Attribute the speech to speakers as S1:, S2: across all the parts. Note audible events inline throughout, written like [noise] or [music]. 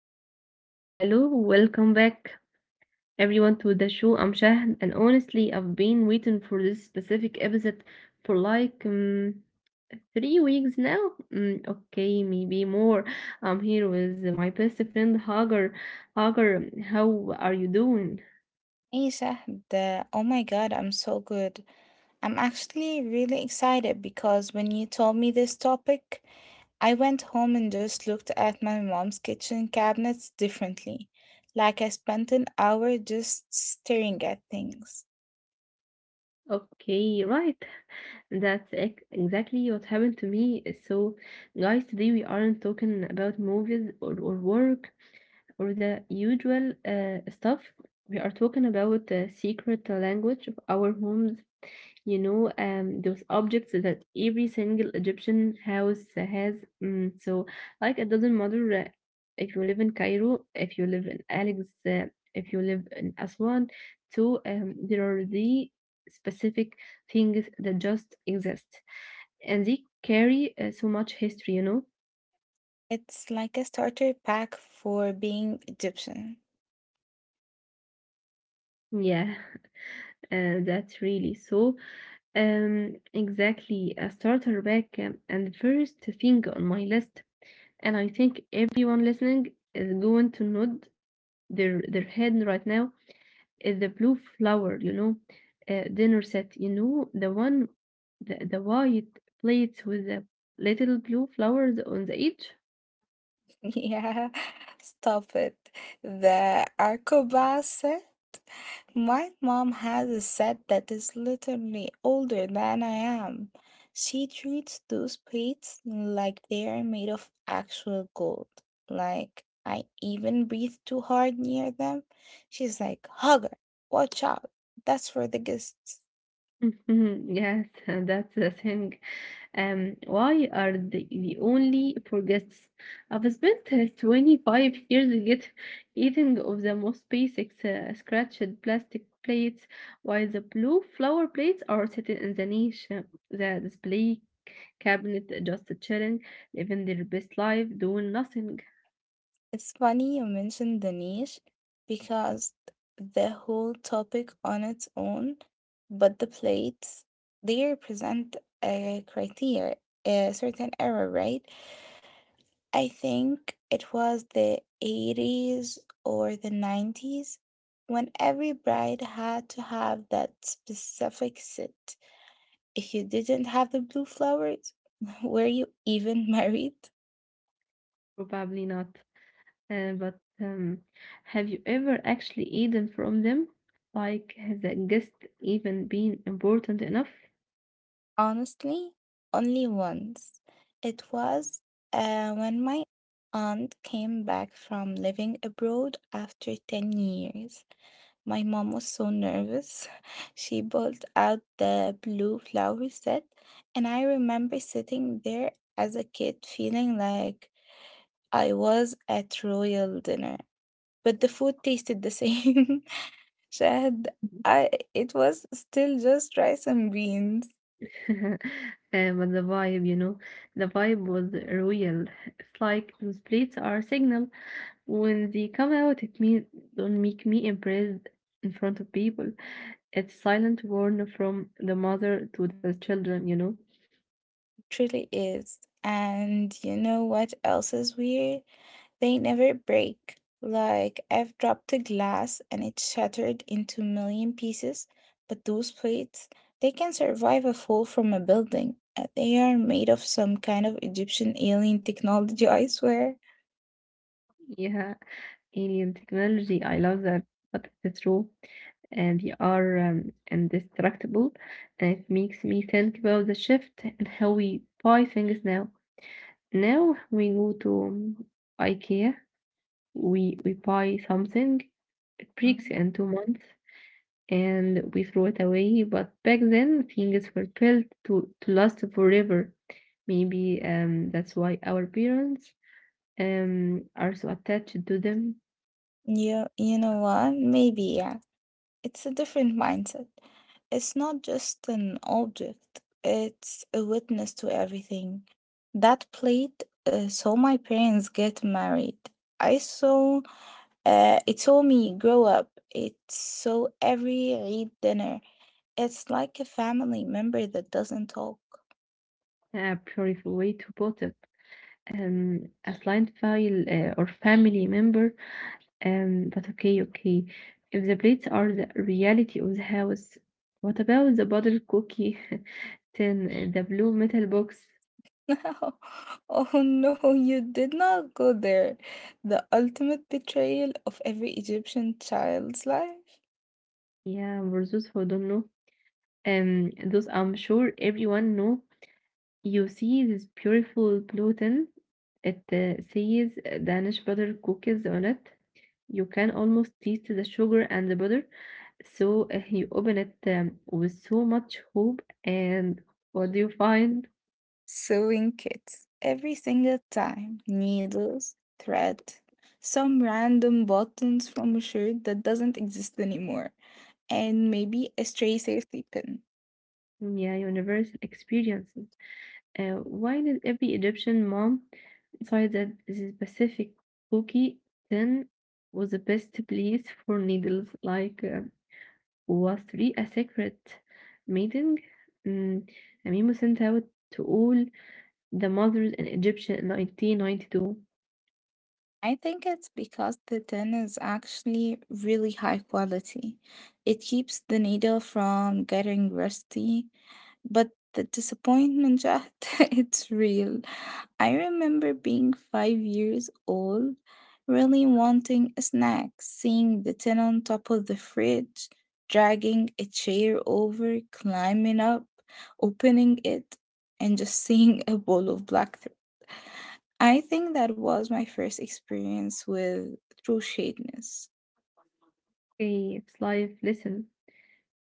S1: are live. Hello, welcome back everyone to the show. I'm Shahd, and honestly, I've been waiting for this specific episode for like 3 weeks now. Okay, maybe more. I'm here with my best friend Hagar. Hagar, how are you doing?
S2: Hey Sahd, oh my God, I'm so good. I'm actually really excited because when you told me this topic, I went home and just looked at my mom's kitchen cabinets differently. Like I spent an hour just staring at things.
S1: Okay, right. That's exactly what happened to me. So, guys, today we aren't talking about movies or work or the usual stuff. We are talking about the secret language of our homes, those objects that every single Egyptian house has. So, like, it doesn't matter if you live in Cairo, if you live in Alex, if you live in Aswan. So, there are the specific things that just exist, and they carry so much history.
S2: It's like a starter pack for being Egyptian.
S1: Yeah, [laughs] that's really so. Exactly, a starter back, and the first thing on my list, and I think everyone listening is going to nod their head right now, is the blue flower dinner set, the one, the white plates with the little blue flowers on the edge.
S2: Yeah, [laughs] stop it. The Arcoba set. My mom has a set that is literally older than I am. She treats those plates like they are made of actual gold. Like I even breathe too hard near them. She's like, Hugger, watch out. That's for the guests.
S1: [laughs] Yes, and that's the thing. Why are the only for guests? I've spent 25 years get eating of the most basic scratched plastic plates, while the blue flower plates are sitting in the niche, the display cabinet, just chilling, living their best life, doing nothing.
S2: It's funny you mentioned the niche because the whole topic on its own, but the plates, they represent a criteria, a certain era, right? I think it was the 80s or the 90s when every bride had to have that specific set. If you didn't have the blue flowers, [laughs] were you even [laughs] married?
S1: Probably not. But have you ever actually eaten from them? Like, has a guest even been important enough?
S2: Honestly, only once. It was when my aunt came back from living abroad after 10 years. My mom was so nervous. [laughs] She pulled out the blue flower set, and I remember sitting there as a kid feeling like I was at royal dinner. But the food tasted the same. [laughs] Shahad, I, it was still just rice and beans.
S1: [laughs] But the vibe, the vibe was real. It's like those plates are a signal. When they come out, it means don't make me impressed in front of people. It's silent warn from the mother to the children.
S2: Truly is. And you know what else is weird? They never break. Like, I've dropped a glass and it shattered into a million pieces, but those plates, they can survive a fall from a building. They are made of some kind of Egyptian alien technology, [laughs] I swear.
S1: Yeah, alien technology. I love that, but it's true, and they are indestructible. And it makes me think about the shift and how we buy things now. Now we go to IKEA. We buy something, it breaks
S2: Mhm.
S1: in 2 months, and we throw it away. But back then, things were built to last forever. Maybe that's why our parents are so attached to them.
S2: You know what? Maybe, yeah. It's a different mindset. It's not just an object, it's a witness to everything. That plate saw my parents get married. I saw it saw me grow up. It saw every Eid dinner. It's like a family member that doesn't talk. [laughs]
S1: A beautiful way to put it. A client file or family member. But okay, okay. If the plates are the reality of the house, what about the butter cookie [laughs] tin, the blue metal box?
S2: No. Oh no, you did not go there. The ultimate betrayal of every Egyptian child's life.
S1: Yeah, for those who don't know, those I'm sure everyone know. You see this beautiful gluten. It says Danish butter cookies on it. You can almost taste the sugar and the butter. So you open it with so much hope, and what do you find?
S2: Sewing kits. Every single time. Needles, thread, some random buttons from a shirt that doesn't exist anymore, and maybe a stray safety pin.
S1: Yeah, universal experiences. Why did every Egyptian mom decide that the specific cookie tin was the best place for needles? Like, was three a secret meeting? Mm, a memo sent out to all the mothers in Egyptian in 1992.
S2: I think it's because the tin is actually really high quality. It keeps the needle from getting rusty, but the disappointment, Jahd, [laughs] it's real. I remember being 5 years old, really wanting a snack, seeing the tin on top of the fridge, dragging a chair over, climbing up, opening it, and just [laughs] seeing a bowl of black. I think that was my first experience with true shadeness.
S1: Okay, it's life lesson.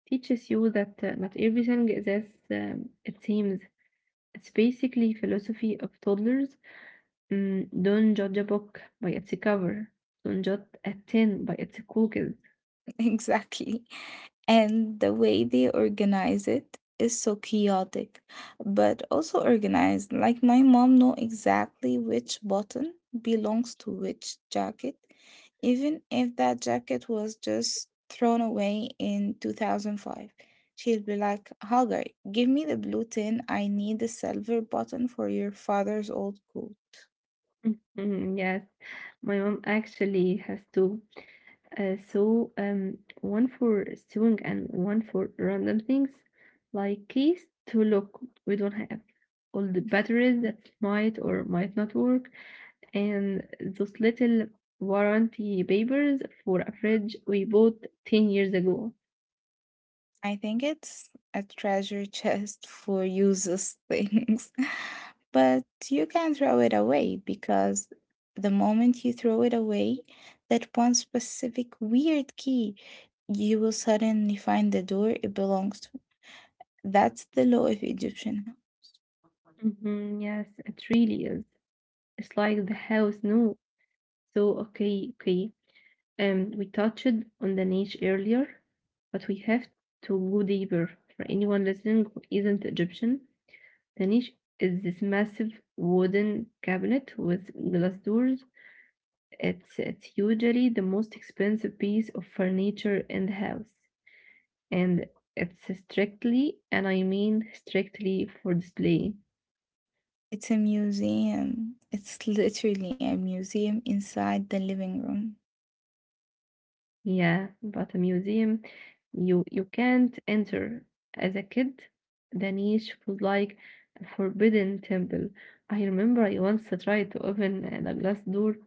S1: Teaches you that not everything is as it seems. It's basically philosophy of toddlers. Don't judge a book by its cover. Don't judge a tin by its cookies.
S2: [laughs] Exactly. And the way they organize it is so chaotic, but also organized. Like my mom know exactly which button belongs to which jacket, even if that jacket was just thrown away in 2005. She five. She'll be like, Hagar, give me the blue tin. I need the silver button for your father's old coat.
S1: Mhm. Yes, my mom actually has two. So one for sewing and one for random things, like keys to look we don't have, all the batteries that might or might not work, and those little warranty papers for a fridge we bought 10 years ago.
S2: I think it's a treasure chest for useless things, [laughs] but you can throw it away because the moment you throw it away, that one specific weird key, you will suddenly find the door it belongs to. That's the law of Egyptian.
S1: Hmm, yes, it really is. It's like the house knew. So, okay, okay. We touched on the niche earlier, but we have to go deeper. For anyone listening who isn't Egyptian, the niche is this massive wooden cabinet with glass doors. It's usually the most expensive piece of furniture in the house, and it's strictly, and I mean strictly for display.
S2: It's a museum. It's literally a museum inside the living
S1: Yeah, but a museum you can't enter. As a kid, the niche was like a forbidden temple. I remember I once tried to open the glass door,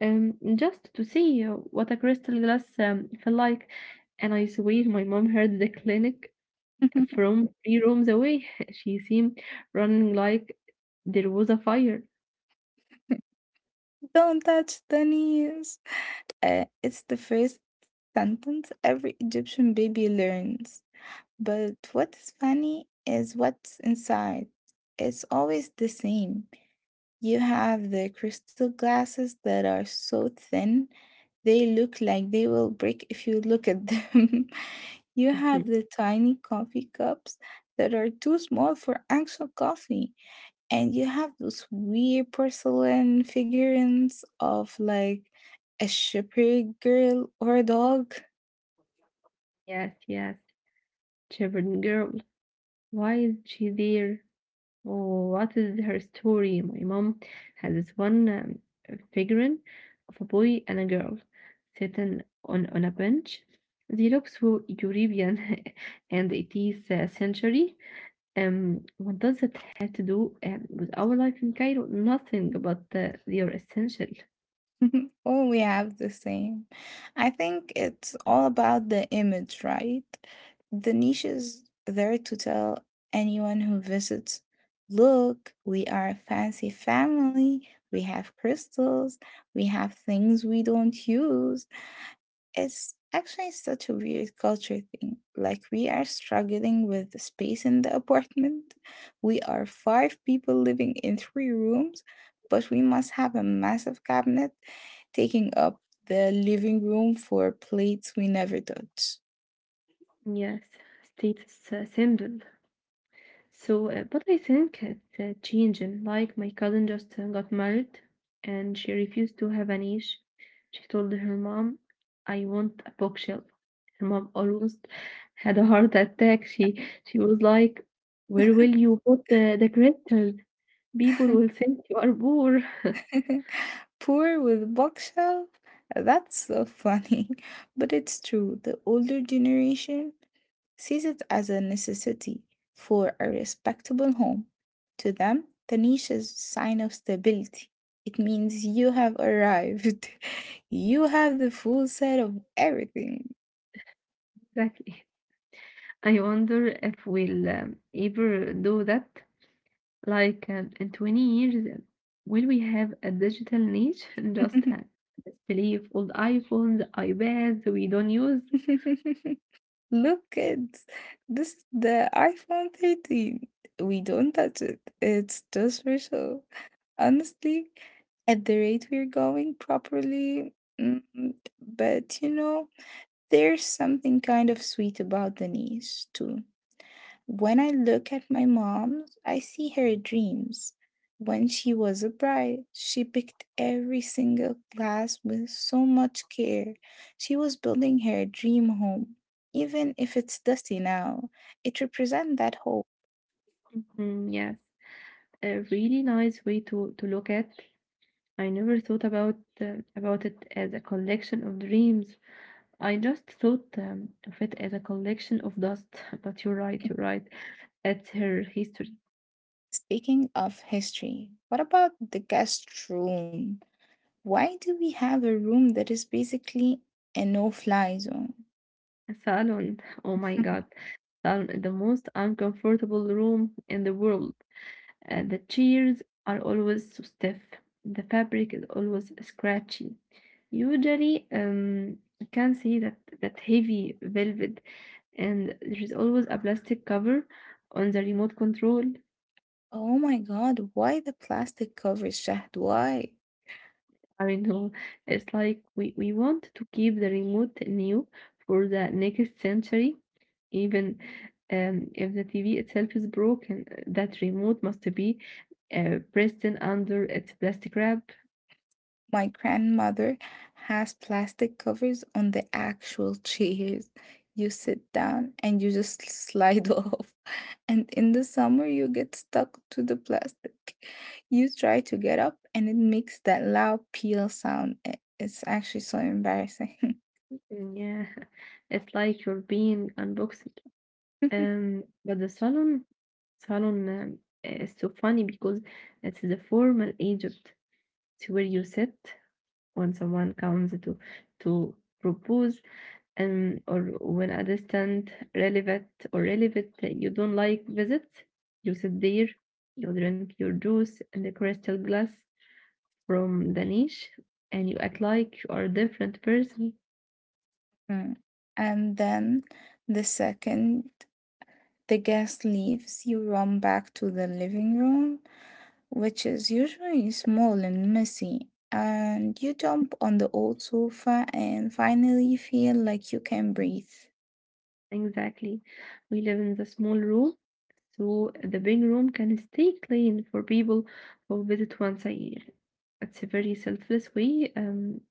S1: just to see what a crystal glass felt like, and I swear my mom heard the clinic
S2: room. [laughs]
S1: from three rooms away. [laughs] She seemed running like there was a fire.
S2: Don't touch the knees. It's the first sentence every Egyptian baby learns. But what is funny is what's inside. It's always the same. You have the crystal glasses that are so thin, they look like they will break if you look at them. [laughs] You
S1: Mhm.
S2: have the tiny coffee cups that are too small for actual coffee, and you have those weird porcelain figurines of like a shepherd girl or a dog.
S1: Yes, yes, Chevron girl. Why is she there? Oh, what is her story? My mom had this one figurine of a boy and a girl sitting on a bench. They look so European [laughs] and 80th century. What does it have to do with our life in Cairo? Nothing, but they are essential.
S2: [laughs] Oh, we have the same. I think it's all about the image, right? The niche is there to tell anyone who visits, look, we are a fancy family, we have crystals, we have things we don't use. It's actually such a weird culture thing. Like, we are struggling with the space in the apartment. We are five people living in three rooms, but we must have a massive cabinet taking up the living room for plates we never touch.
S1: Yes, status symbol. So, but I think it's changing. Like my cousin just got married, and she refused to have a niche. She told her mom, "I want a bookshelf." Her mom almost had a heart attack. She was like, "Where will you put the crystals? People will think you are poor." [laughs]
S2: [laughs] Poor with bookshelf? That's so funny. [laughs] But it's true. The older generation sees it as a necessity for a respectable home. To them, the niche is a sign of stability. It means you have arrived. [laughs] You have the full set of everything.
S1: Exactly. I wonder if we'll ever do that. Like, in 20 years, will we have a digital niche? [laughs] Just a
S2: [laughs]
S1: display of old iPhones, iPads we don't use?
S2: Look, kids, this is the iPhone 13. We don't touch it. It's just for show. Honestly, at the rate we're going properly, mm, but you know, there's something kind of sweet about the niche, too. When I look at my mom, I see her dreams. When she was a bride, she picked every single glass with so much care. She was building her dream home. Even if it's dusty now, it represents that hope.
S1: Mm, yes, a really nice way to look at. I never thought about it as a collection of dreams. I just thought of it as a collection of dust. [laughs] But you're right, you're right. That's her history.
S2: Speaking of history, what about the guest room? Why do we have a room that is basically a no fly zone?
S1: Salon, oh my God,
S2: [laughs]
S1: salon is the most uncomfortable room in the world. The chairs are always so stiff. The fabric is always scratchy. Usually, you can see that heavy velvet, and there is always a plastic cover on the remote control.
S2: Oh my God, why the plastic covers, Shahd? Why?
S1: I know it's like we want to keep the remote new for the next century, even if the TV itself is broken. That remote must be pressed in under its plastic wrap.
S2: My grandmother has plastic covers on the actual chairs. You sit down and you just slide [laughs] off. And in the summer, you get stuck to the plastic. You try to get up and it makes that loud peel sound. It's actually so embarrassing.
S1: Mm, yeah, [laughs] it's like you're being unboxed.
S2: [laughs]
S1: But the salon is so funny because it's the formal Egypt. It's where you sit when someone comes to propose, or when a distant relevant that you don't like visits. You sit there, you drink your juice in the crystal glass from the niche, and you act like you are a different person.
S2: Mm. And then the second the guest leaves, you run back to the living room, which is usually small and messy, and you jump on the old sofa and finally feel like you can breathe.
S1: Exactly. We live in the small room, so the big room can stay clean for people who visit once a year. It's a very selfless way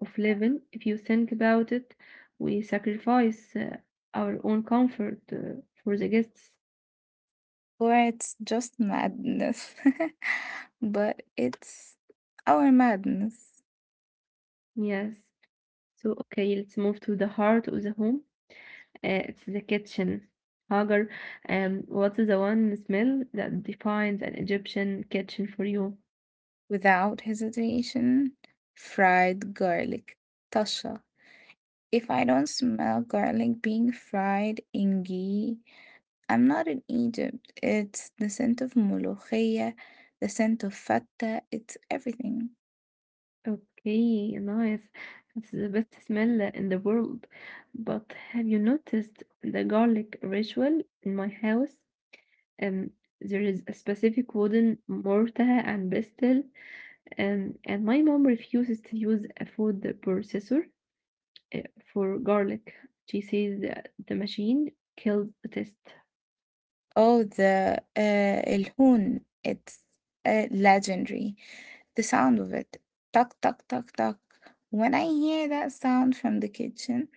S1: of living. If you think about it, we sacrifice our own comfort for the guests.
S2: Or it's just madness. [laughs] But it's our madness.
S1: Yes. So, okay, let's move to the heart of the home. It's the kitchen. Hagar, what's the one smell that defines an Egyptian kitchen for you?
S2: Without hesitation. Fried garlic. Tasha. If I don't smell garlic being fried in ghee, I'm not in Egypt. It's the scent of molokhia, the scent of fatta, it's everything.
S1: Okay, nice. It's the best smell in the world. But have you noticed the garlic ritual in my house? Um, there is a specific wooden mortar and pestle, and my mom refuses to use a food processor uh, for garlic. She says that the machine kills the taste.
S2: Oh, the el horn. It's legendary. The sound of it. Tuck, tuck, tuck, tuck. When I hear that sound from the kitchen,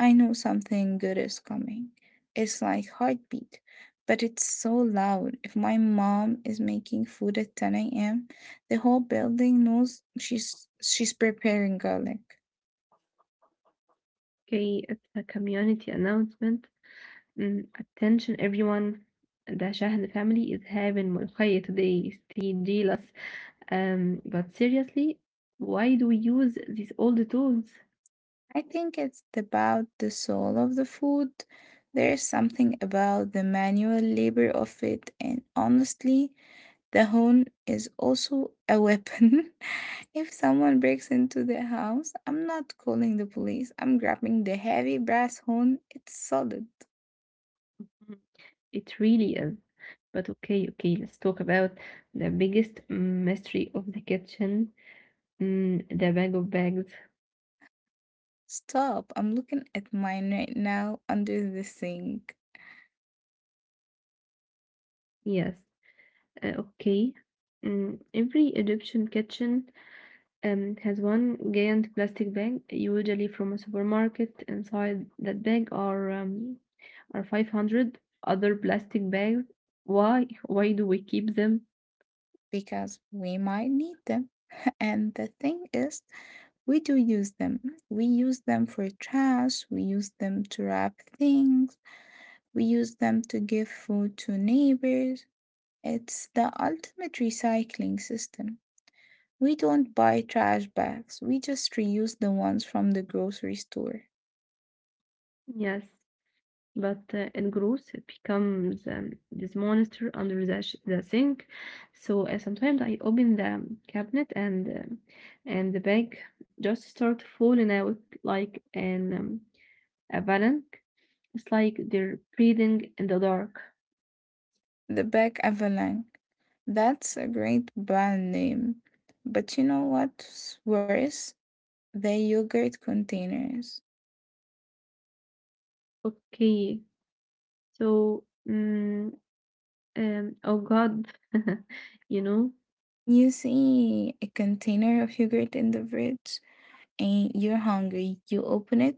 S2: I know something good is coming. It's like heartbeat, but it's so loud. If my mom is making food at 10 a.m., the whole building knows she's preparing garlic.
S1: Okay, it's a community announcement. Attention everyone. The Shahid family is having Mulkhaya today. Stay jealous. But seriously, why do we use these old tools?
S2: I think it's about the soul of the food. There is something about the manual labor of it, and honestly, the hone is also a weapon. [laughs] If someone breaks into the house, I'm not calling the police. I'm grabbing the heavy brass horn. It's solid.
S1: Mhm. It really is. But okay, okay, let's talk about the biggest mystery of the kitchen, the bag of bags.
S2: Stop. I'm looking at mine right now under the sink
S1: Yes, okay. Every Egyptian kitchen. It has one giant plastic bag, usually from a supermarket. Inside that bag are 500 other plastic bags. Why? Why do we keep them?
S2: because we might need them. [laughs] And the thing is, we do use them. We use them for trash, we use them to wrap things, we use them to give food to neighbors. It's the ultimate recycling system. We don't buy trash bags, we just reuse the ones from the grocery store.
S1: Yes, but it grows. It becomes this monster under the sink. So sometimes I open the cabinet and the bag just start falling out like an a bank. It's like they're breathing in the dark.
S2: The bag Avalanche. That's a great brand name. But you know what's worse? The yogurt containers.
S1: Okay, so oh God, [laughs] you know,
S2: You see a container of yogurt in the fridge? And you're hungry. You open it.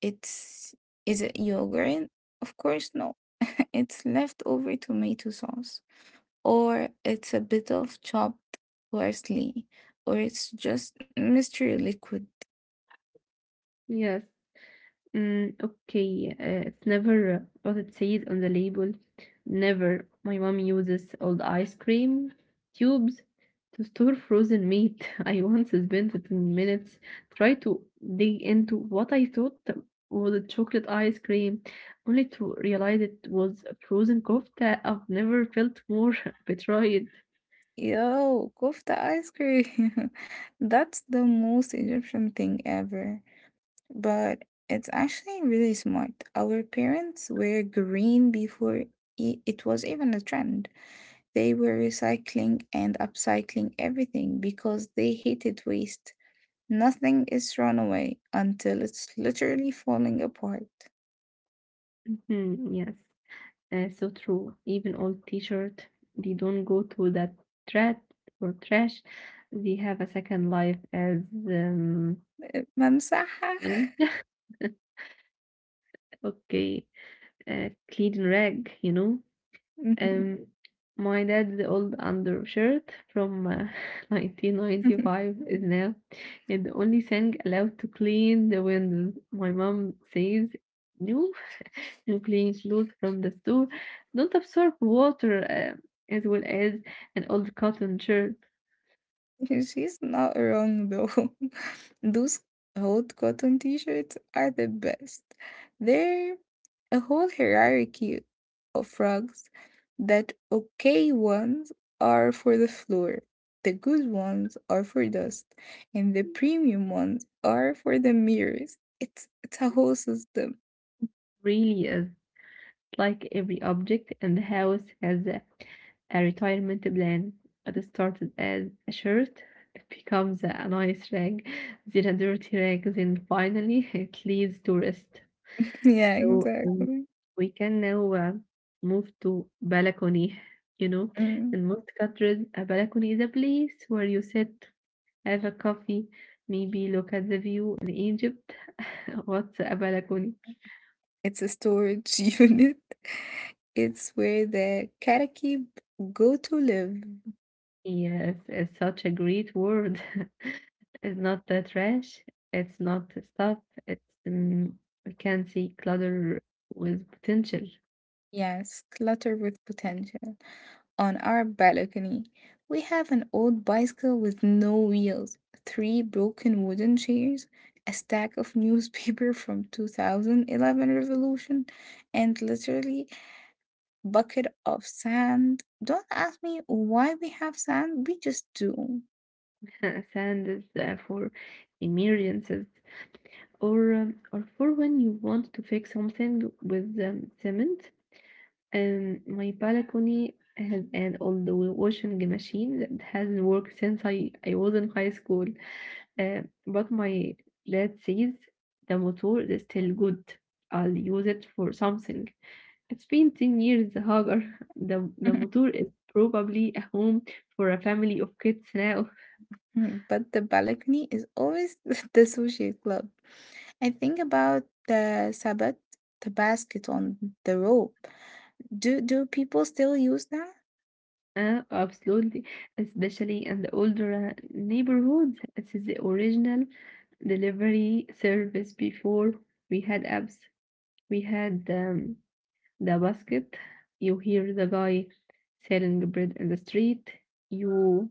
S2: It's, is it yogurt? Of course no. [laughs] It's leftover tomato sauce or it's a bit of chopped parsley or it's just mystery liquid.
S1: yes, mm, okay, it's never what it says on the label. Never. My mom uses old ice cream tubes to store frozen meat. [laughs] I once spent 10 minutes trying to dig into what I thought was a chocolate ice cream, only to realize it was a frozen kofta. I've never felt more [laughs] betrayed.
S2: Yo, kofta ice cream. [laughs] That's the most Egyptian thing ever. But it's actually really smart. Our parents were green before it was even a trend. They were recycling and upcycling everything because they hated waste. Nothing is thrown away until it's literally falling apart.
S1: Hmm, yes. So true. Even old t-shirt, they don't go to that thread or trash. They have a second life as um
S2: ممسحة
S1: [laughs] okay, clean rag.
S2: [laughs]
S1: Um, my dad's old undershirt from [laughs] 1995 is now the only thing allowed to clean the windows. My mom says, "No, and clean clothes from the store don't absorb water as well as an old cotton shirt
S2: She's not wrong though. [laughs] Those old cotton t-shirts are the best. They're a whole hierarchy of rugs, that okay ones are for the floor, the good ones are for dust, and the premium ones are for the mirrors. It's a whole system.
S1: really is like every object in the house has a retirement plan. It started as a shirt. It becomes a nice rag, then a dirty rag, then finally [laughs] it leads to rest.
S2: [laughs] Yeah,
S1: So
S2: exactly.
S1: we can now move to balcony, you know.
S2: Mm.
S1: In most countries a balcony is a place where you sit, have a coffee, maybe look at the view. In Egypt. [laughs] What's a balcony?
S2: It's a storage [laughs] unit. It's where the karakib go to live.
S1: Yes, it's such a great word. [laughs] It's not the trash, it's not the stuff, it's, we can see clutter with potential.
S2: Yes, clutter with potential. On our balcony, we have an old bicycle with no wheels, three broken wooden chairs, a stack of [laughs] newspaper from 2011 revolution, and literally bucket of sand. Don't ask me why we have sand, we just do.
S1: [laughs] Sand is for emergencies or for when you want to fix something with cement. My balcony has an old washing machine that hasn't worked since I was in high school. Uh, but my dad says the motor is still good. I'll use it for something. It's been 10 years, Hagar. [laughs] The
S2: [laughs]
S1: motor is probably a home for a family of kids now.
S2: But the balcony is always [laughs] the associate club. I think about the sabbat, the basket on the rope. Do people still use that?
S1: Absolutely. Especially in the older neighborhoods. It is the original delivery service before we had apps. We had the basket. You hear the guy selling bread in the street. You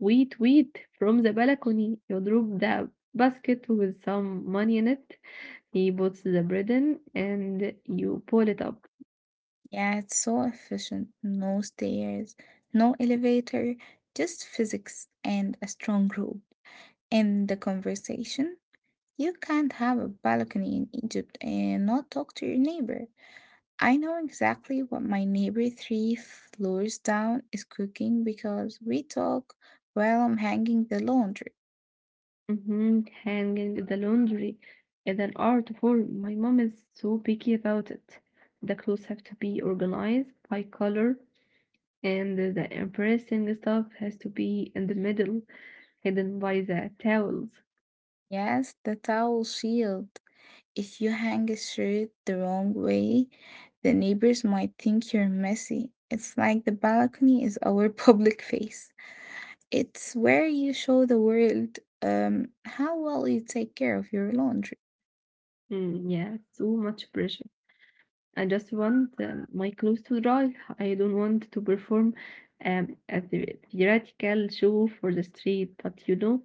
S1: wait, wait from the balcony. You drop the basket with some money in it. He puts the bread in and you pull it up.
S2: Yeah, it's so efficient. No stairs, no elevator, just physics and a strong rope. In the conversation, you can't have a balcony in Egypt and not talk to your neighbor. I know exactly what my neighbor three floors down is cooking because we talk while I'm hanging the laundry.
S1: Hanging the laundry is an art form. My mom is so picky about it. The clothes have to be organized by color, and the embarrassing stuff has to be in the middle, hidden by the towels.
S2: Yes, the towel shield. If you hang a shirt the wrong way, the neighbors might think you're messy. It's like the balcony is our [laughs] public face. It's where you show the world how well you take care of your laundry.
S1: Mm, yeah, too much pressure. I just want my clothes to dry. I don't want to perform theoretical show for the street. But you know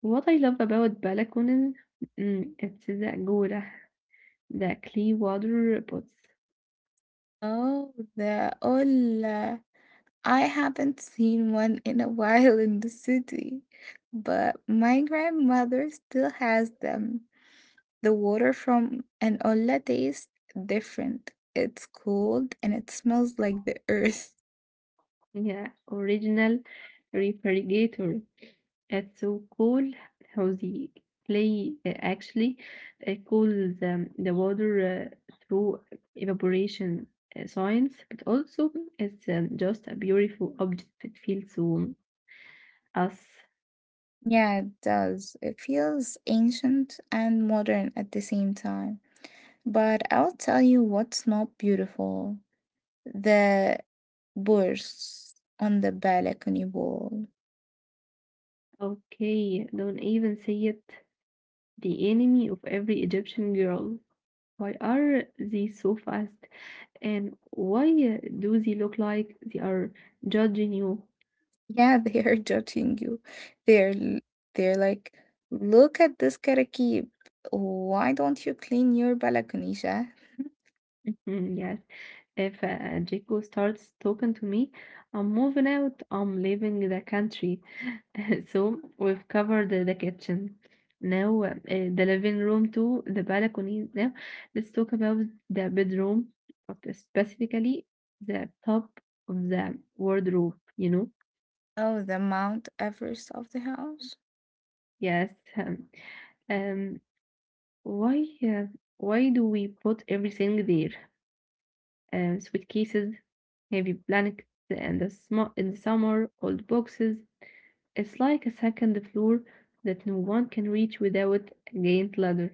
S1: what I love about balconies? Mm, it's the agora, the clear water pots.
S2: Oh, the hola. I haven't seen one in a [laughs] while in the city, but my grandmother still has them. The water from an olla tastes different. It's cold and it smells like the [laughs] earth.
S1: Yeah, original refrigerator. It's so cool how the clay actually cools the water through evaporation, science, but also it's, just a beautiful object. It feels so us.
S2: Yeah, it does. It feels ancient and modern at the same time. But I'll tell you what's not beautiful. The birds on the balcony wall.
S1: Okay, don't even say it. The enemy of every Egyptian girl. Why are they so fast? And why do they look like they are judging you?
S2: Yeah, they are [laughs] judging you. They're l- they're like, look at this karakib. Why don't you clean your balcony, Shah?
S1: [laughs] Yes. If Jaco starts talking to me, I'm moving out, I'm leaving the country. [laughs] So we've covered the kitchen. Now, the living room too, the balcony. Now, let's talk about the bedroom, but specifically the top of the wardrobe, you know?
S2: Oh, the Mount Everest of the house.
S1: Yes. Um, um, why, uh, why do we put everything there? Suitcases, heavy blankets, and the sm in the summer, old boxes. It's like a second floor that no one can reach without a giant ladder.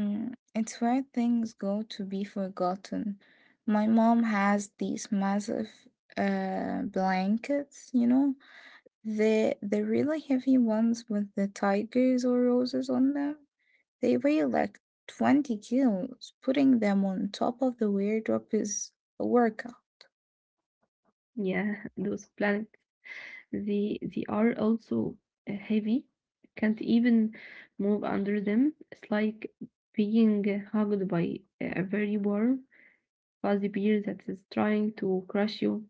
S2: Mm, it's where things go to be forgotten. My mom has these massive blankets, you know, the really heavy ones with the tigers or roses on them. They weigh like 20 kilos. Putting them on top of the wardrobe is a workout,
S1: Yeah, [laughs] those planets. They are also heavy. Can't even move under them. It's like being hugged by a very warm, fuzzy bear that is trying to crush you.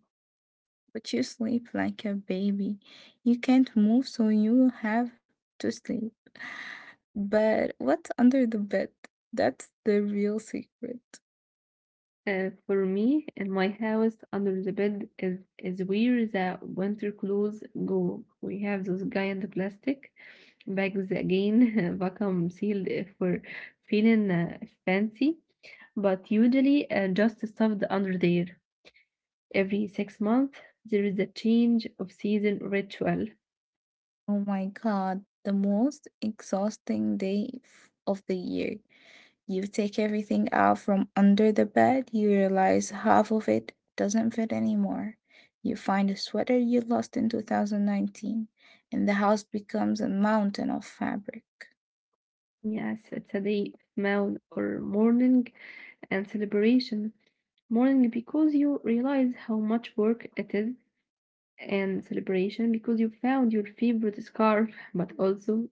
S2: but you sleep like a baby. You can't move, so you have to sleep. But what's under the bed? That's the real secret.
S1: For me, in my house, under the bed is where the winter clothes go. We have those giant plastic bags again, [laughs] vacuum sealed if we're feeling fancy, but usually just stuffed under there. Every 6 months, there is a change of season ritual.
S2: Oh my God, the most exhausting of the year. You take everything out from under the bed, you realize half of it doesn't fit anymore. You find a sweater you lost in 2019, and the house becomes a mountain of fabric.
S1: Yes, it's a day, mouth, or morning and celebration. Mourning because you realize how much work it is, and celebration because you found your favorite scarf. [laughs] But also,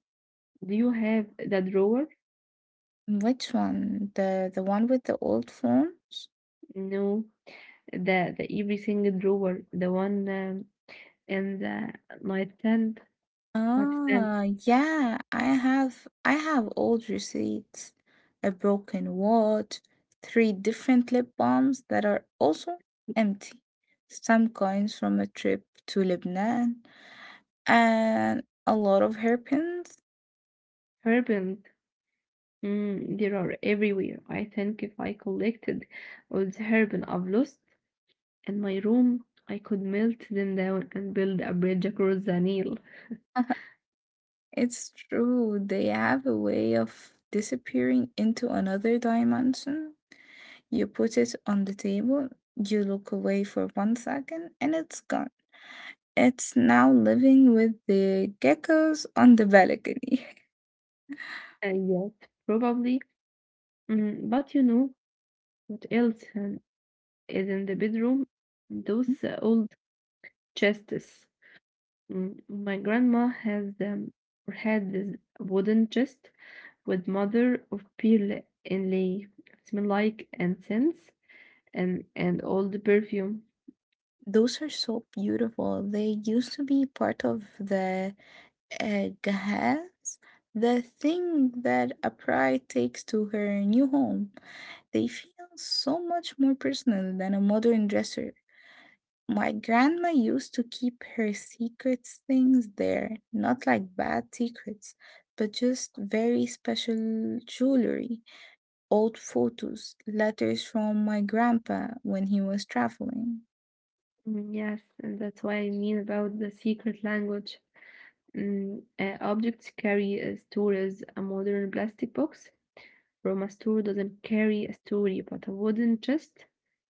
S1: do you have the drawer?
S2: Which one? The one with the old forms?
S1: No, the every single drawer, the one in the nightstand, nightstand,
S2: Ah, yeah, I have old receipts, a broken watch, three different lip balms that are also empty, some coins from a trip to Lebanon, and a lot of hairpins.
S1: urban. Mm, there are everywhere. I think if I collected all the urban I've lost, in my room, I could melt them down and build a bridge across the Nile. [laughs]
S2: [laughs] It's true, they have a way of disappearing into another dimension. You put it on the table, you look away for one second, and it's gone. It's now living with the geckos on the balcony.
S1: Yes, probably. Mm, but you know what else is in the bedroom? Those
S2: [laughs]
S1: old chests. Mm, my grandma has had this wooden chest with mother of pearl inlay. It smell like incense and old perfume.
S2: Those are so beautiful. They used to be part of the Gahaz, the thing that a bride takes to her new home. They feel so much more personal than a modern dresser. My grandma used to keep her secrets things there, not like bad secrets, but just very special jewelry, old photos, letters from my grandpa when he was traveling.
S1: Mm, yes, and that's why I mean about the secret language. Mm, objects carry a stories. A modern plastic box from a store doesn't carry a story, but a wooden chest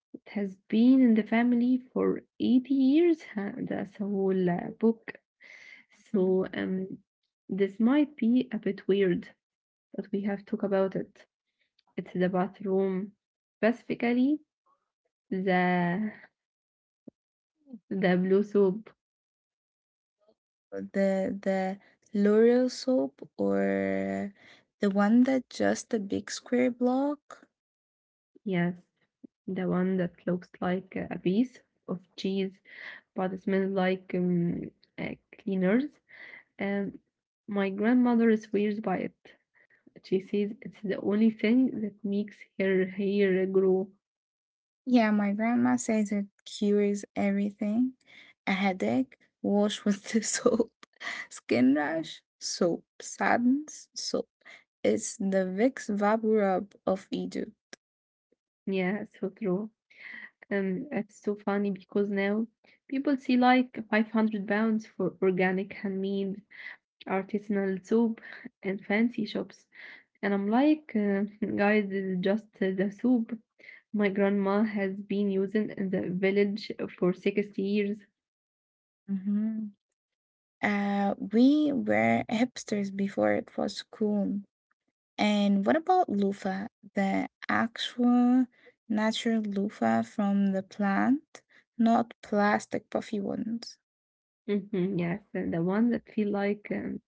S1: it has been in the family for 80 years. That's a whole book.
S2: Mhm.
S1: So this might be a bit weird, but we have talked about it. It's the bathroom, specifically the the blue soap.
S2: The L'Oreal soap or the one that just a big square block.
S1: Yes, the one that looks like a piece of cheese but smells like uh, cleaners. And my grandmother swears by it. She says it's the only thing that makes her hair grow.
S2: Yeah, my grandma says it cures everything. A headache, wash with the [laughs] soap. Skin rash, soap. Saddens, soap. It's the Vicks Vap of Egypt.
S1: Yeah, so true. It's so funny because now people see like 500 pounds for organic, handmade, artisanal soap and fancy shops. And I'm like, [laughs] guys, this is just the soup. My grandma has been using in the village for 60 years.
S2: hmm we were hipsters before it was cool. And what about loofah? The actual natural loofah from the plant, not plastic puffy ones.
S1: Mhm, yes, and the one that feel like um,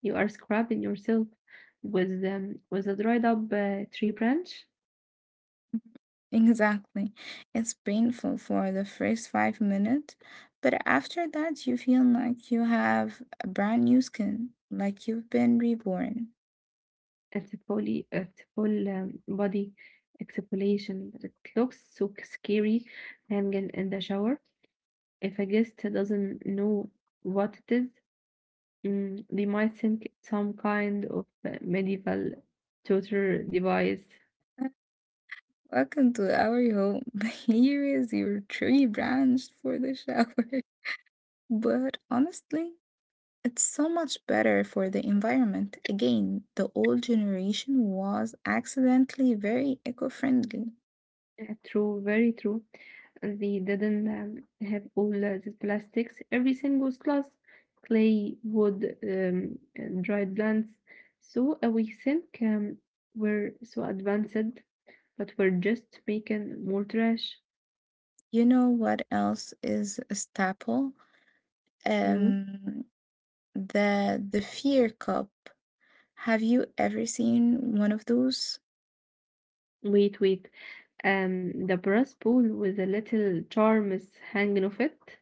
S1: you are scrubbing yourself with um, with a dried up tree branch.
S2: Exactly. It's painful for the first five minutes, but after that, you feel like you have a brand new skin, like you've been reborn.
S1: It's a full body exfoliation. It looks so scary hanging in the shower. If a guest doesn't know what it is, mm, they might think it's some kind of medieval torture device.
S2: Welcome to our home. [laughs] Here is your tree branch for the shower. [laughs] But honestly, it's so much better for the environment. Again, the old generation was accidentally very eco friendly.
S1: True, very true. They didn't have all the plastics. Everything was glass, clay, wood, and dried plants. So we think we're so advanced, but we're just making more trash.
S2: You know what else is a staple?
S1: No,
S2: Um, the fear cup. Have you ever seen one of those?
S1: wait, wait. The brass bowl with the little charms hanging off it.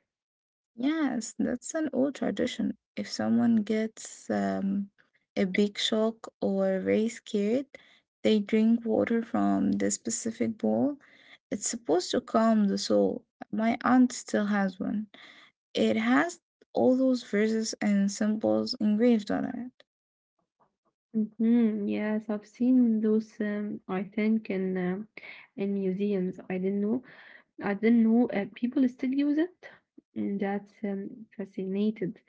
S2: Yes, that's an old tradition. If someone gets a big shock or very scared, they drink water from the specific bowl. It's supposed to calm the soul. My aunt still has one. It has all those verses and symbols engraved on it.
S1: Mm-hmm. Yes, I've seen those. I think in museums. I didn't know people still use it, and that's fascinated.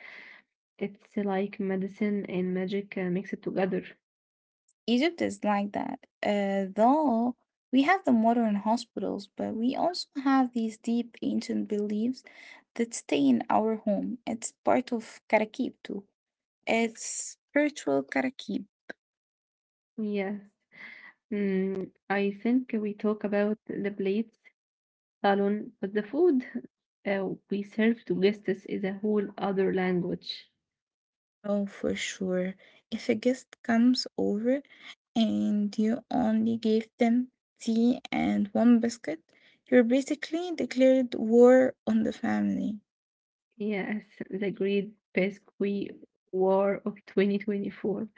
S1: It's like medicine and magic mixed together.
S2: Egypt is like that. Though we have the modern hospitals, but we also have these deep ancient beliefs that stay in our home. It's part of Karakib too. It's spiritual Karakib.
S1: Yes. Mm, I think we talk about the plates, salon, but the food we serve to guests is a whole other language.
S2: Oh, for sure. If a guest comes over and you only gave them tea and one biscuit, you're basically declared war on the family.
S1: Yes, the great pesky war of 2024.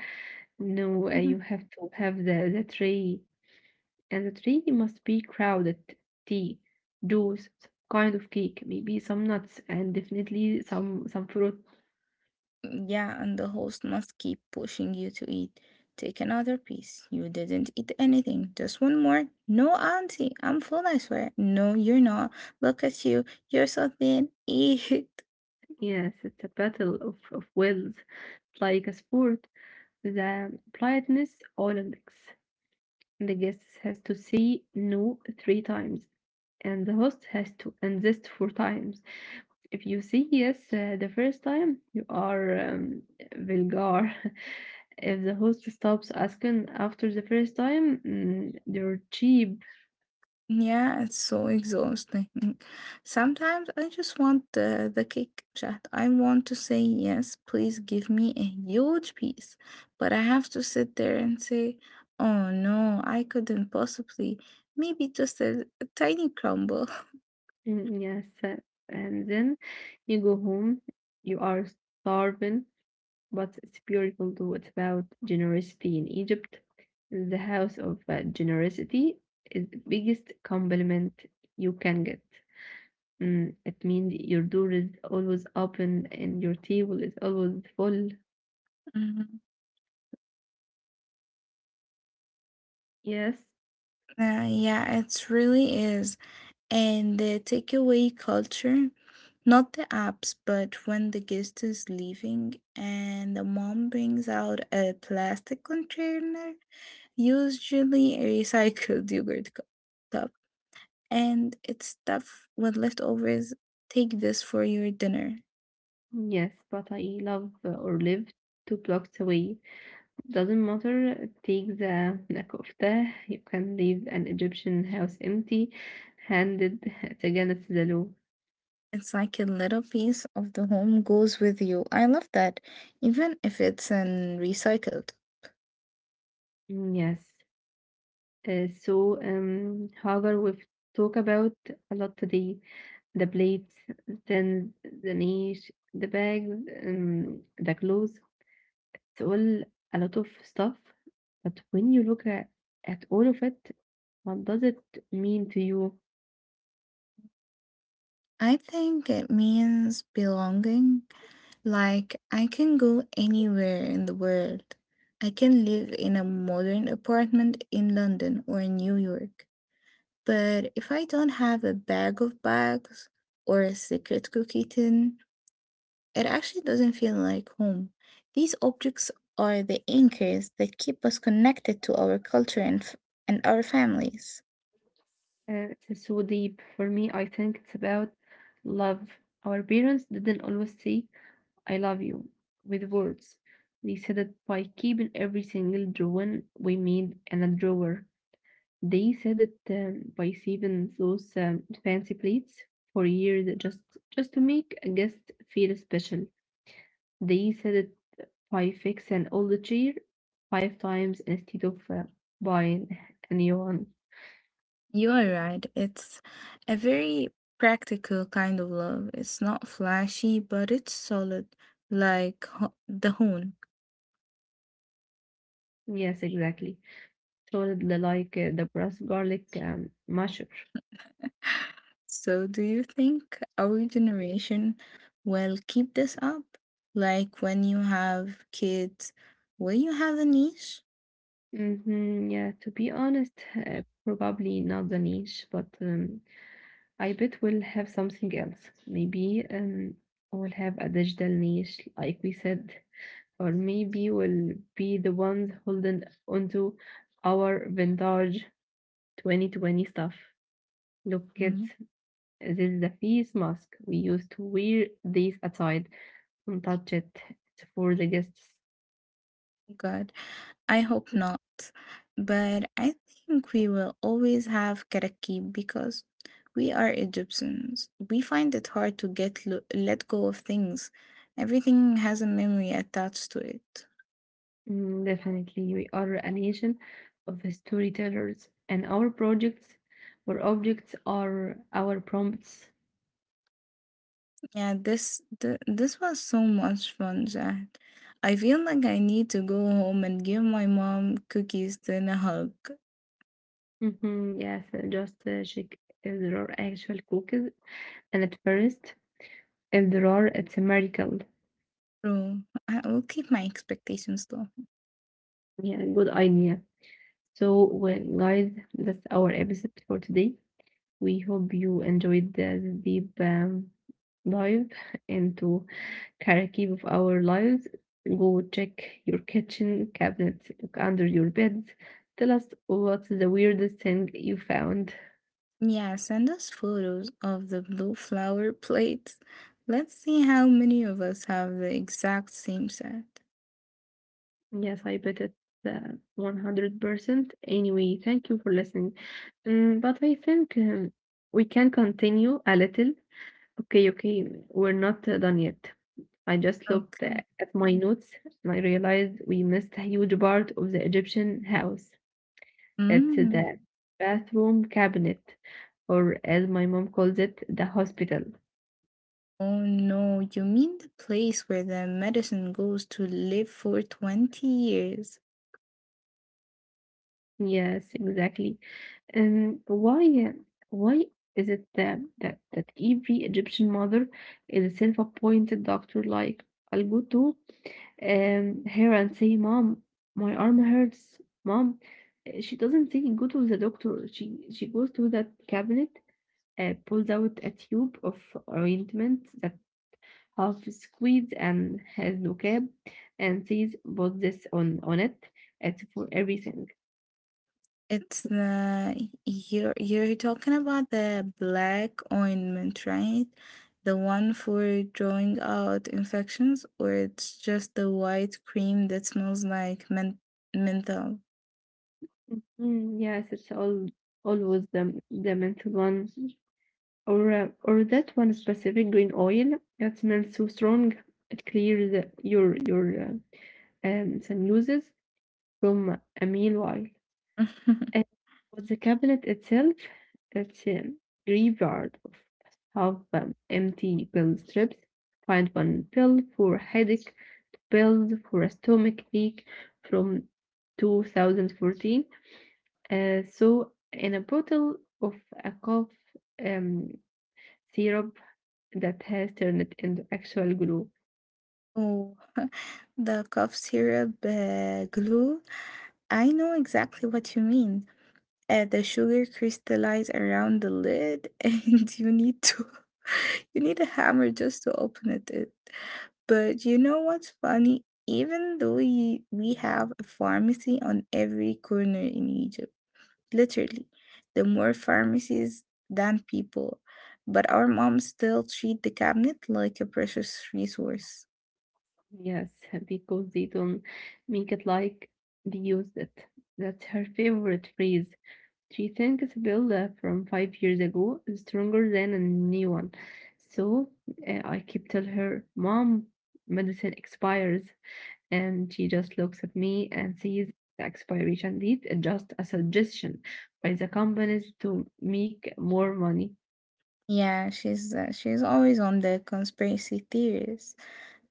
S1: No,
S2: [laughs]
S1: you have to have the tray. And the tree must be crowded: tea, juice, kind of cake, maybe some nuts, and definitely some fruit.
S2: Mm, yeah, and the host must keep pushing you to eat. Take another piece. You didn't eat anything. Just one more. No, auntie, I'm full, I swear. No, you're not. Look at you. You're so thin. Eat. [laughs]
S1: Yes, it's a battle of wills, like a sport. The politeness Olympics. The guest has to say no 3 times, and the host has to insist 4 times. If you say yes the first time, you are vulgar. [laughs] If the host stops asking after the first time, mm, you're cheap.
S2: Yeah, it's so exhausting. [laughs] Sometimes I just want the cake, Chat. I want to say yes, please give me a huge piece. But I have to sit there and say, oh no, I couldn't possibly. Maybe just a tiny crumble.
S1: Mm, yes, and then you go home, you are starving, but it's beautiful too. It's about generosity in Egypt. The house of generosity is the biggest compliment you can get. Mm, it means your door is always open and your table is always full.
S2: Mhm.
S1: Yes,
S2: Yeah, it really is. And the takeaway culture, not the apps, but when the guest is leaving and the mom brings out a plastic container, usually a recycled [laughs] cup, and it's stuffed with leftovers. Take this for your dinner.
S1: yes, but I love or live 2 blocks away. Doesn't matter, take the [laughs] kofta. You can leave an Egyptian house empty handed against [laughs] the law.
S2: It's like a little piece of the home goes with you. I love that, even if it's an recycled.
S1: Mm, yes. However, we've talked about a lot today: the plates, then the niche, the bags, the clothes. It's all a lot of stuff. But when you look at all of it, what does it mean to you?
S2: I think it means belonging. Like, I can go anywhere in the world. I can live in a modern apartment in London or in New York. But if I don't have a bag of bags or a secret cookie tin, it actually doesn't feel like home. These objects are the anchors that keep us connected to our culture and our families.
S1: It's so deep. For me, I think it's about love. Our parents didn't always say, "I love you," with words. They said it by keeping every single drawing we made in a drawer. They said it by saving those fancy plates for years just to make a guest feel special. They said it by fixing all the chair 5 times instead of buying a new one.
S2: You are right. It's a very practical kind of love. It's not flashy, but it's solid, like the Hoon.
S1: Yes, exactly. Told the like the brass garlic masher.
S2: So, do you think our generation will keep this up? Like when you have kids, will you have a niche?
S1: Mhm, yeah, to be honest, probably not the niche, but I bet we'll have something else. Maybe we'll have a digital niche, like we said, or maybe we'll be the ones holding onto our vintage 2020 stuff. Look, kids,
S2: Hmm.
S1: this is the face mask. We used to wear these aside and touch it. It's for the guests.
S2: God, I hope not. But I think we will always have Karakib because we are Egyptians. We find it hard to let go of things. Everything has a memory attached to it.
S1: Mm, definitely, we are a nation of storytellers, and our projects or objects are our prompts.
S2: Yeah, this was so much fun, Jack. I feel like I need to go home and give my mom cookies then a hug.
S1: Yes, just check if there are actual cookies, and at first, if there are, it's a miracle.
S2: Bro, I will keep my expectations low.
S1: Yeah, good idea. So, well, guys, that's our episode for today. We hope you enjoyed this deep dive into karaoke of our lives. Go check your kitchen cabinets, look under your bed. Tell us what's the weirdest thing you found.
S2: Yeah, send us photos of the blue flower plates. Let's see how many of us have the exact same set.
S1: Yes, I bet it uh, 100%. Anyway, thank you for listening. Mm, but I think we can continue a little. Okay, okay, we're not done yet. I just looked
S2: Okay.
S1: at my notes and I realized we missed a huge part of the Egyptian house. It's
S2: Mm.
S1: the bathroom cabinet, or as my mom calls it, the hospital.
S2: Oh no, you mean the place where the medicine goes to live for 20 years?
S1: Yes, exactly. And why is it that every Egyptian mother is a self-appointed doctor? Like, I'll go to her and say, "Mom, my arm hurts. Mom," she doesn't say go to the doctor. She goes to that cabinet, pulls out a tube of ointment that half squeezed and has no cap, and says, put this on it. It's for everything.
S2: It's the you're talking about the black ointment, right? The one for drawing out infections, or it's just the white cream that smells like menthol?
S1: Mm, yes, it's all always the mint one or that one specific green oil that smells so strong it clears your sinuses from a meal while.
S2: [laughs]
S1: And with the cabinet itself, it's a graveyard of half empty pill strips. Find one pill for headache, pill for a stomach ache from 2014 in a bottle of a cough um, syrup that has turned into actual glue.
S2: Oh, [laughs] the cough syrup glue. I know exactly what you mean. The sugar crystallizes around the lid, [laughs] and you need to [laughs] you need a hammer just to open it. But you know what's funny? Even though we have a pharmacy on every corner in Egypt, literally, the more pharmacies than people, but our moms still treat the cabinet like a precious resource.
S1: Yes, because they don't make it like they used it. That's her favorite phrase. She thinks Bill from 5 years ago is stronger than a new one. So I keep tell her, Mom, medicine expires. And she just looks at me and sees the expiration date is just a suggestion by the companies to make more money.
S2: Yeah, she's always on the conspiracy theories.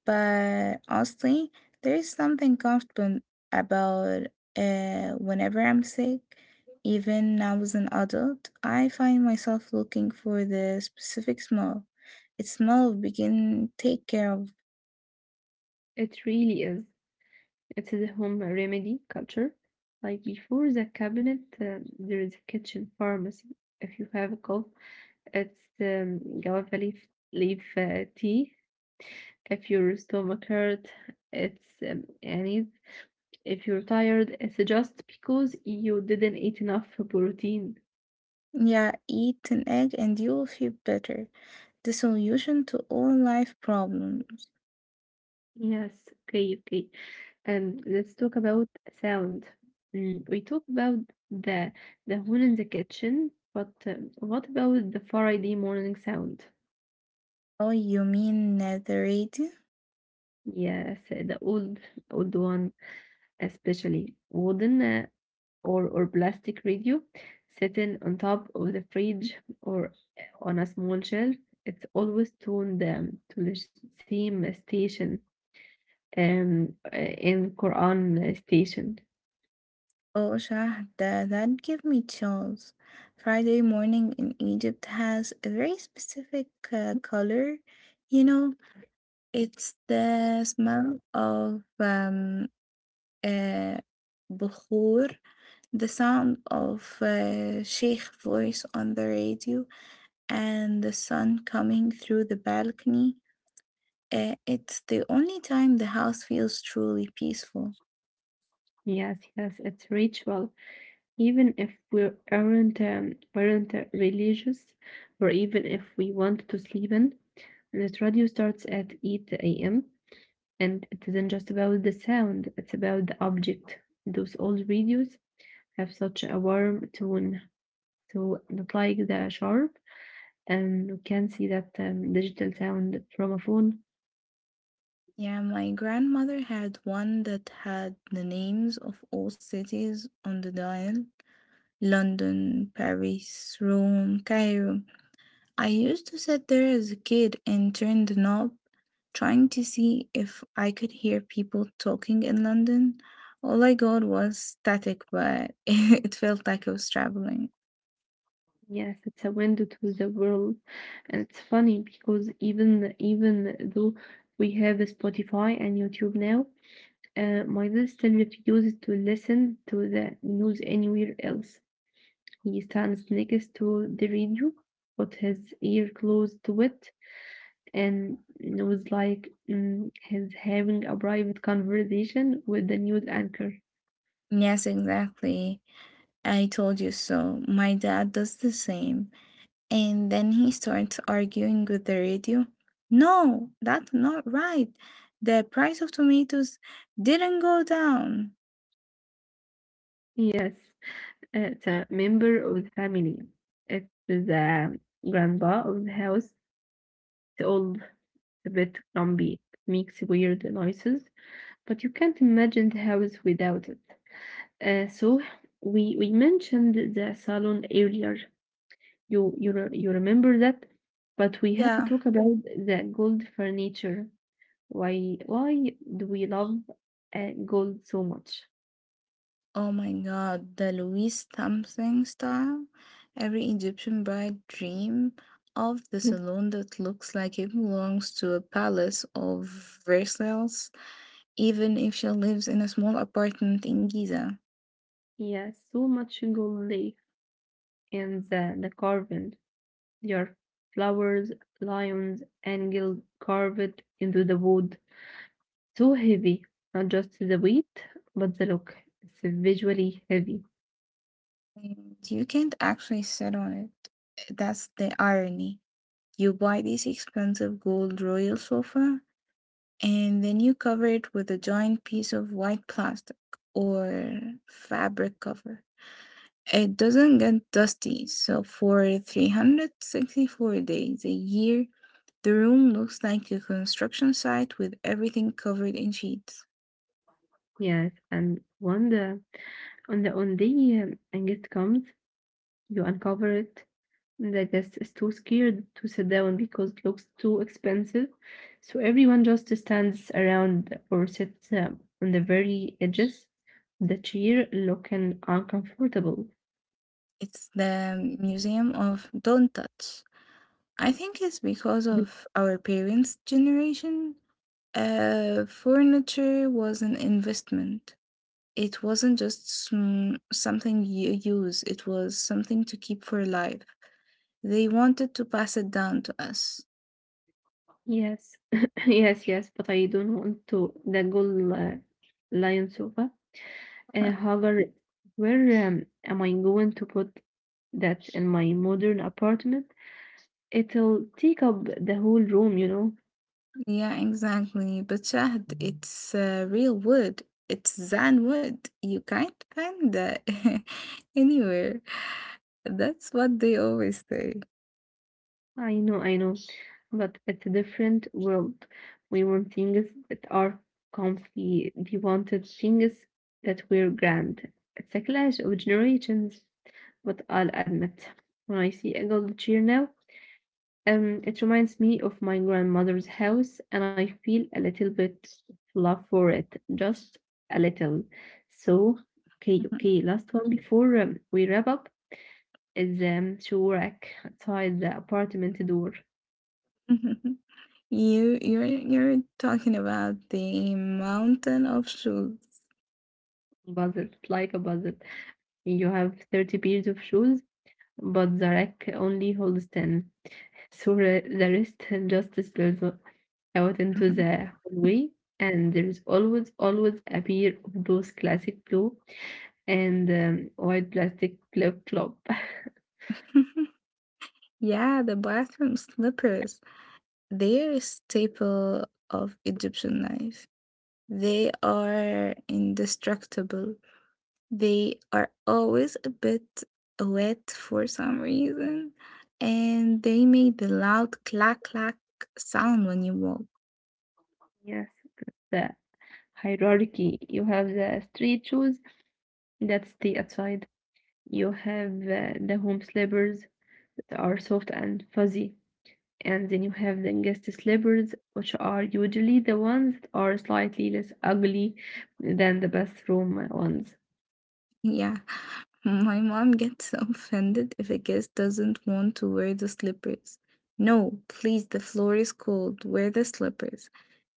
S2: But honestly, there is something comfortable about whenever I'm sick, even now as an adult, I find myself looking for the specific smell. Its smell begin take care of.
S1: It really is. It's the home remedy culture. Like before the cabinet, there is a kitchen pharmacy. If you have a cough, it's guava leaf, tea. If your stomach hurt, it's anise. If you're tired, it's just because you didn't eat enough protein.
S2: Yeah, eat an egg and you will feel better. The solution to all life problems.
S1: Yes. Okay. Okay. And let's talk about sound. We talk about the the horn in the kitchen, but what about the Friday morning sound?
S2: Oh, you mean the radium?
S1: Yes, the old one, especially wooden or plastic radio, sitting on top of the fridge or on a small shelf. It's always tuned to the same station, in Quran station.
S2: Oh, Shahda, that gave me chills. Friday morning in Egypt has a very specific color. You know, it's the smell of uh, bukhur, the sound of sheikh voice on the radio, and the sun coming through the balcony. It's the only time the house feels truly peaceful.
S1: Yes, yes, it's ritual. Even if we aren't religious, or even if we want to sleep in, the radio starts at 8 a.m. and it isn't just about the sound; it's about the object. Those old radios have such a warm tone, so not like the sharp, and you can see that digital sound from a phone.
S2: Yeah, my grandmother had one that had the names of all cities on the dial: London, Paris, Rome, Cairo. I used to sit there as a kid and turn the knob, trying to see if I could hear people talking in London. All I got was static, but [laughs] it felt like I was traveling.
S1: Yes, it's a window to the world, and it's funny because even though we have Spotify and YouTube now, my dad still refuses to listen to the news anywhere else. He stands next to the radio, with his ear close to it, and it was like he's having a private conversation with the news anchor.
S2: Yes, exactly. I told you so. My dad does the same. And then he starts arguing with the radio. No, that's not right. The price of tomatoes didn't go down.
S1: Yes, it's a member of the family. It's the grandpa of the house, the old bit grumpy. It makes weird noises, but you can't imagine the house without it. So we mentioned the salon earlier. You remember that, but we have to
S2: Yeah.
S1: talk about the gold furniture. Why do we love gold so much?
S2: Oh my god, the Louis Thumping style. Every Egyptian bride dream of the
S1: [laughs]
S2: salon that looks like it belongs to a palace of Versailles, even if she lives in a small apartment in Giza.
S1: Yeah, so much gold leaf and the carving. Your flowers, lions, angels carved into the wood. Too heavy, not just the weight, but the look. It's visually heavy.
S2: And you can't actually sit on it. That's the irony. You buy this expensive gold royal sofa and then you cover it with a giant piece of white plastic or fabric cover. It doesn't get dusty, so for 364 days a year, the room looks like a construction site with everything covered in sheets.
S1: Yes, and when the on the on the angst comes, you uncover it. The guest is too scared to sit down because it looks too expensive, so everyone just stands around or sits on the very edges of the chair, looking uncomfortable.
S2: It's the museum of don't touch. I think it's because of our parents' generation. Furniture was an investment. It wasn't just something you use, it was something to keep for life. They wanted to pass it down to us.
S1: Yes, [laughs] yes, yes. But I don't want to the gold lion sofa.
S2: [laughs]
S1: Hagar, where am I going to put that in my modern apartment? It'll take up the whole room, you know.
S2: Yeah, exactly. But Shahd, it's real wood. It's Zan wood. You can't find that [laughs] anywhere. That's what they always say.
S1: I know, I know, but it's a different world. We want things that are comfy. We wanted things that were grand. It's a clash of generations, but I'll admit, when I see a gold chair now, it reminds me of my grandmother's house, and I feel a little bit of love for it, just a little. So, okay, okay.
S2: [laughs]
S1: Last one before we wrap up is Shurak outside the apartment door.
S2: You're talking about the mountain of shoes.
S1: Buzzer, like a buzzer. You have 30 pairs of shoes, but the rack only holds 10. So the rest [laughs] just spills out into
S2: Mhm.
S1: the hallway, and there is always, always a pair of those classic blue and white plastic flip-flop. [laughs]
S2: [laughs] Yeah, the bathroom slippers. They are a staple of Egyptian life. They are indestructible. They are always a bit wet for some reason, and they make the loud clack clack sound when you walk.
S1: Yes, the hierarchy. You have the street shoes that stay outside. You have the home slippers that are soft and fuzzy. And then you have the guest slippers, which are usually the ones that are slightly less ugly than the bathroom ones.
S2: Yeah, [laughs] my mom gets [laughs] offended if a guest doesn't want to wear the slippers. No, please, the floor is cold, wear the slippers.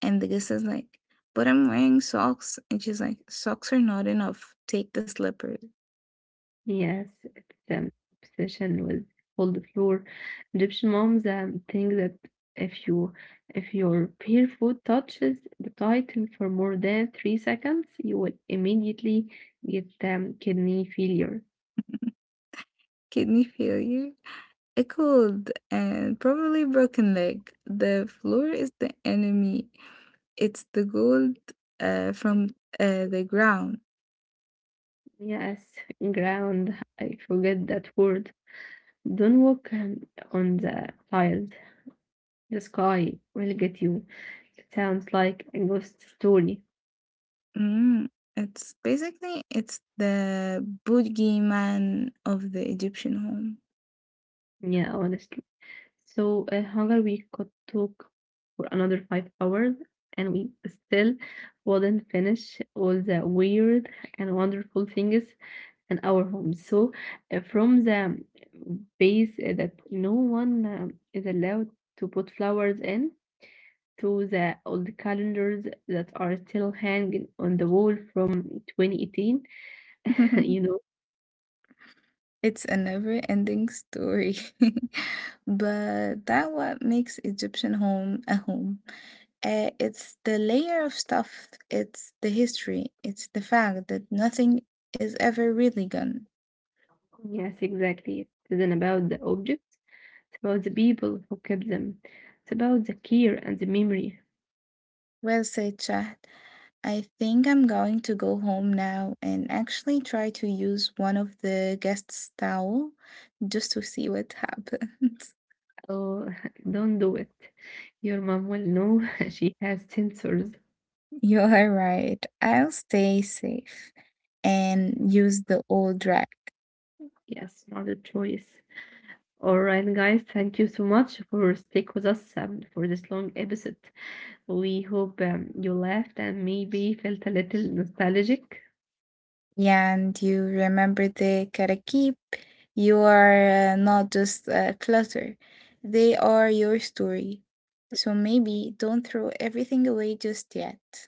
S2: And the guest is like, but I'm wearing socks. And she's like, socks are not enough, take the slippers.
S1: Yes, it's an obsession with cold floor. Egyptian moms think that if you if your barefoot touches the title for more than 3 seconds, you will immediately get kidney failure.
S2: Kidney failure. A cold and probably broken leg. The floor is the enemy. It's the gold from the ground.
S1: Yes, [laughs] ground. I forget that word. Don't walk on the tiles. The sky will get you. It sounds like a ghost story.
S2: Mm. It's the boogeyman of the Egyptian
S1: Yeah, honestly. So hunger, we could talk for another 5 hours, and we still wouldn't finish all the weird and wonderful things in our home. So from the base that no one is allowed to put flowers in, to the old calendars that are still hanging on the wall from 2018, [laughs]
S2: home.
S1: you
S2: [laughs]
S1: know.
S2: It's a never-ending story. [laughs] But that what makes Egyptian home a home. It's the layer of stuff, it's the history, it's the fact that nothing is ever really gone.
S1: Yes, exactly. It isn't about the object. It's about the people who kept them. It's about the care and the memory.
S2: Well said, Shahd. I think I'm going to go home now and actually try to use one of the guests' towel just to see what happens.
S1: Oh, [laughs] don't do it. Your mom will know, [laughs] she has sensors.
S2: [laughs] You're right. I'll stay safe and use the old rag.
S1: Yes, not a choice. All right, guys, thank you so much for stick with us for this long episode. We hope you laughed and maybe felt a little nostalgic.
S2: Yeah, and you remember the karakip. You are not just clutter, they are your story. So maybe don't throw everything away just yet. [laughs]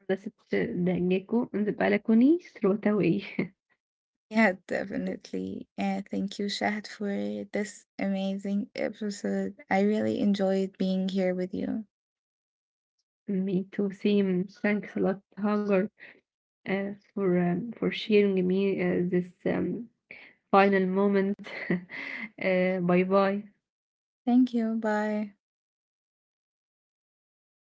S1: Unless it's the gecko on the balcony, throw it away.
S2: Yeah, definitely. Thank you, Shahad, for this amazing episode. I really enjoyed being here with you.
S1: [laughs] Me too, same. Thanks a lot, Hagar, for sharing me this final moment. [laughs] Bye bye.
S2: Thank you. Bye.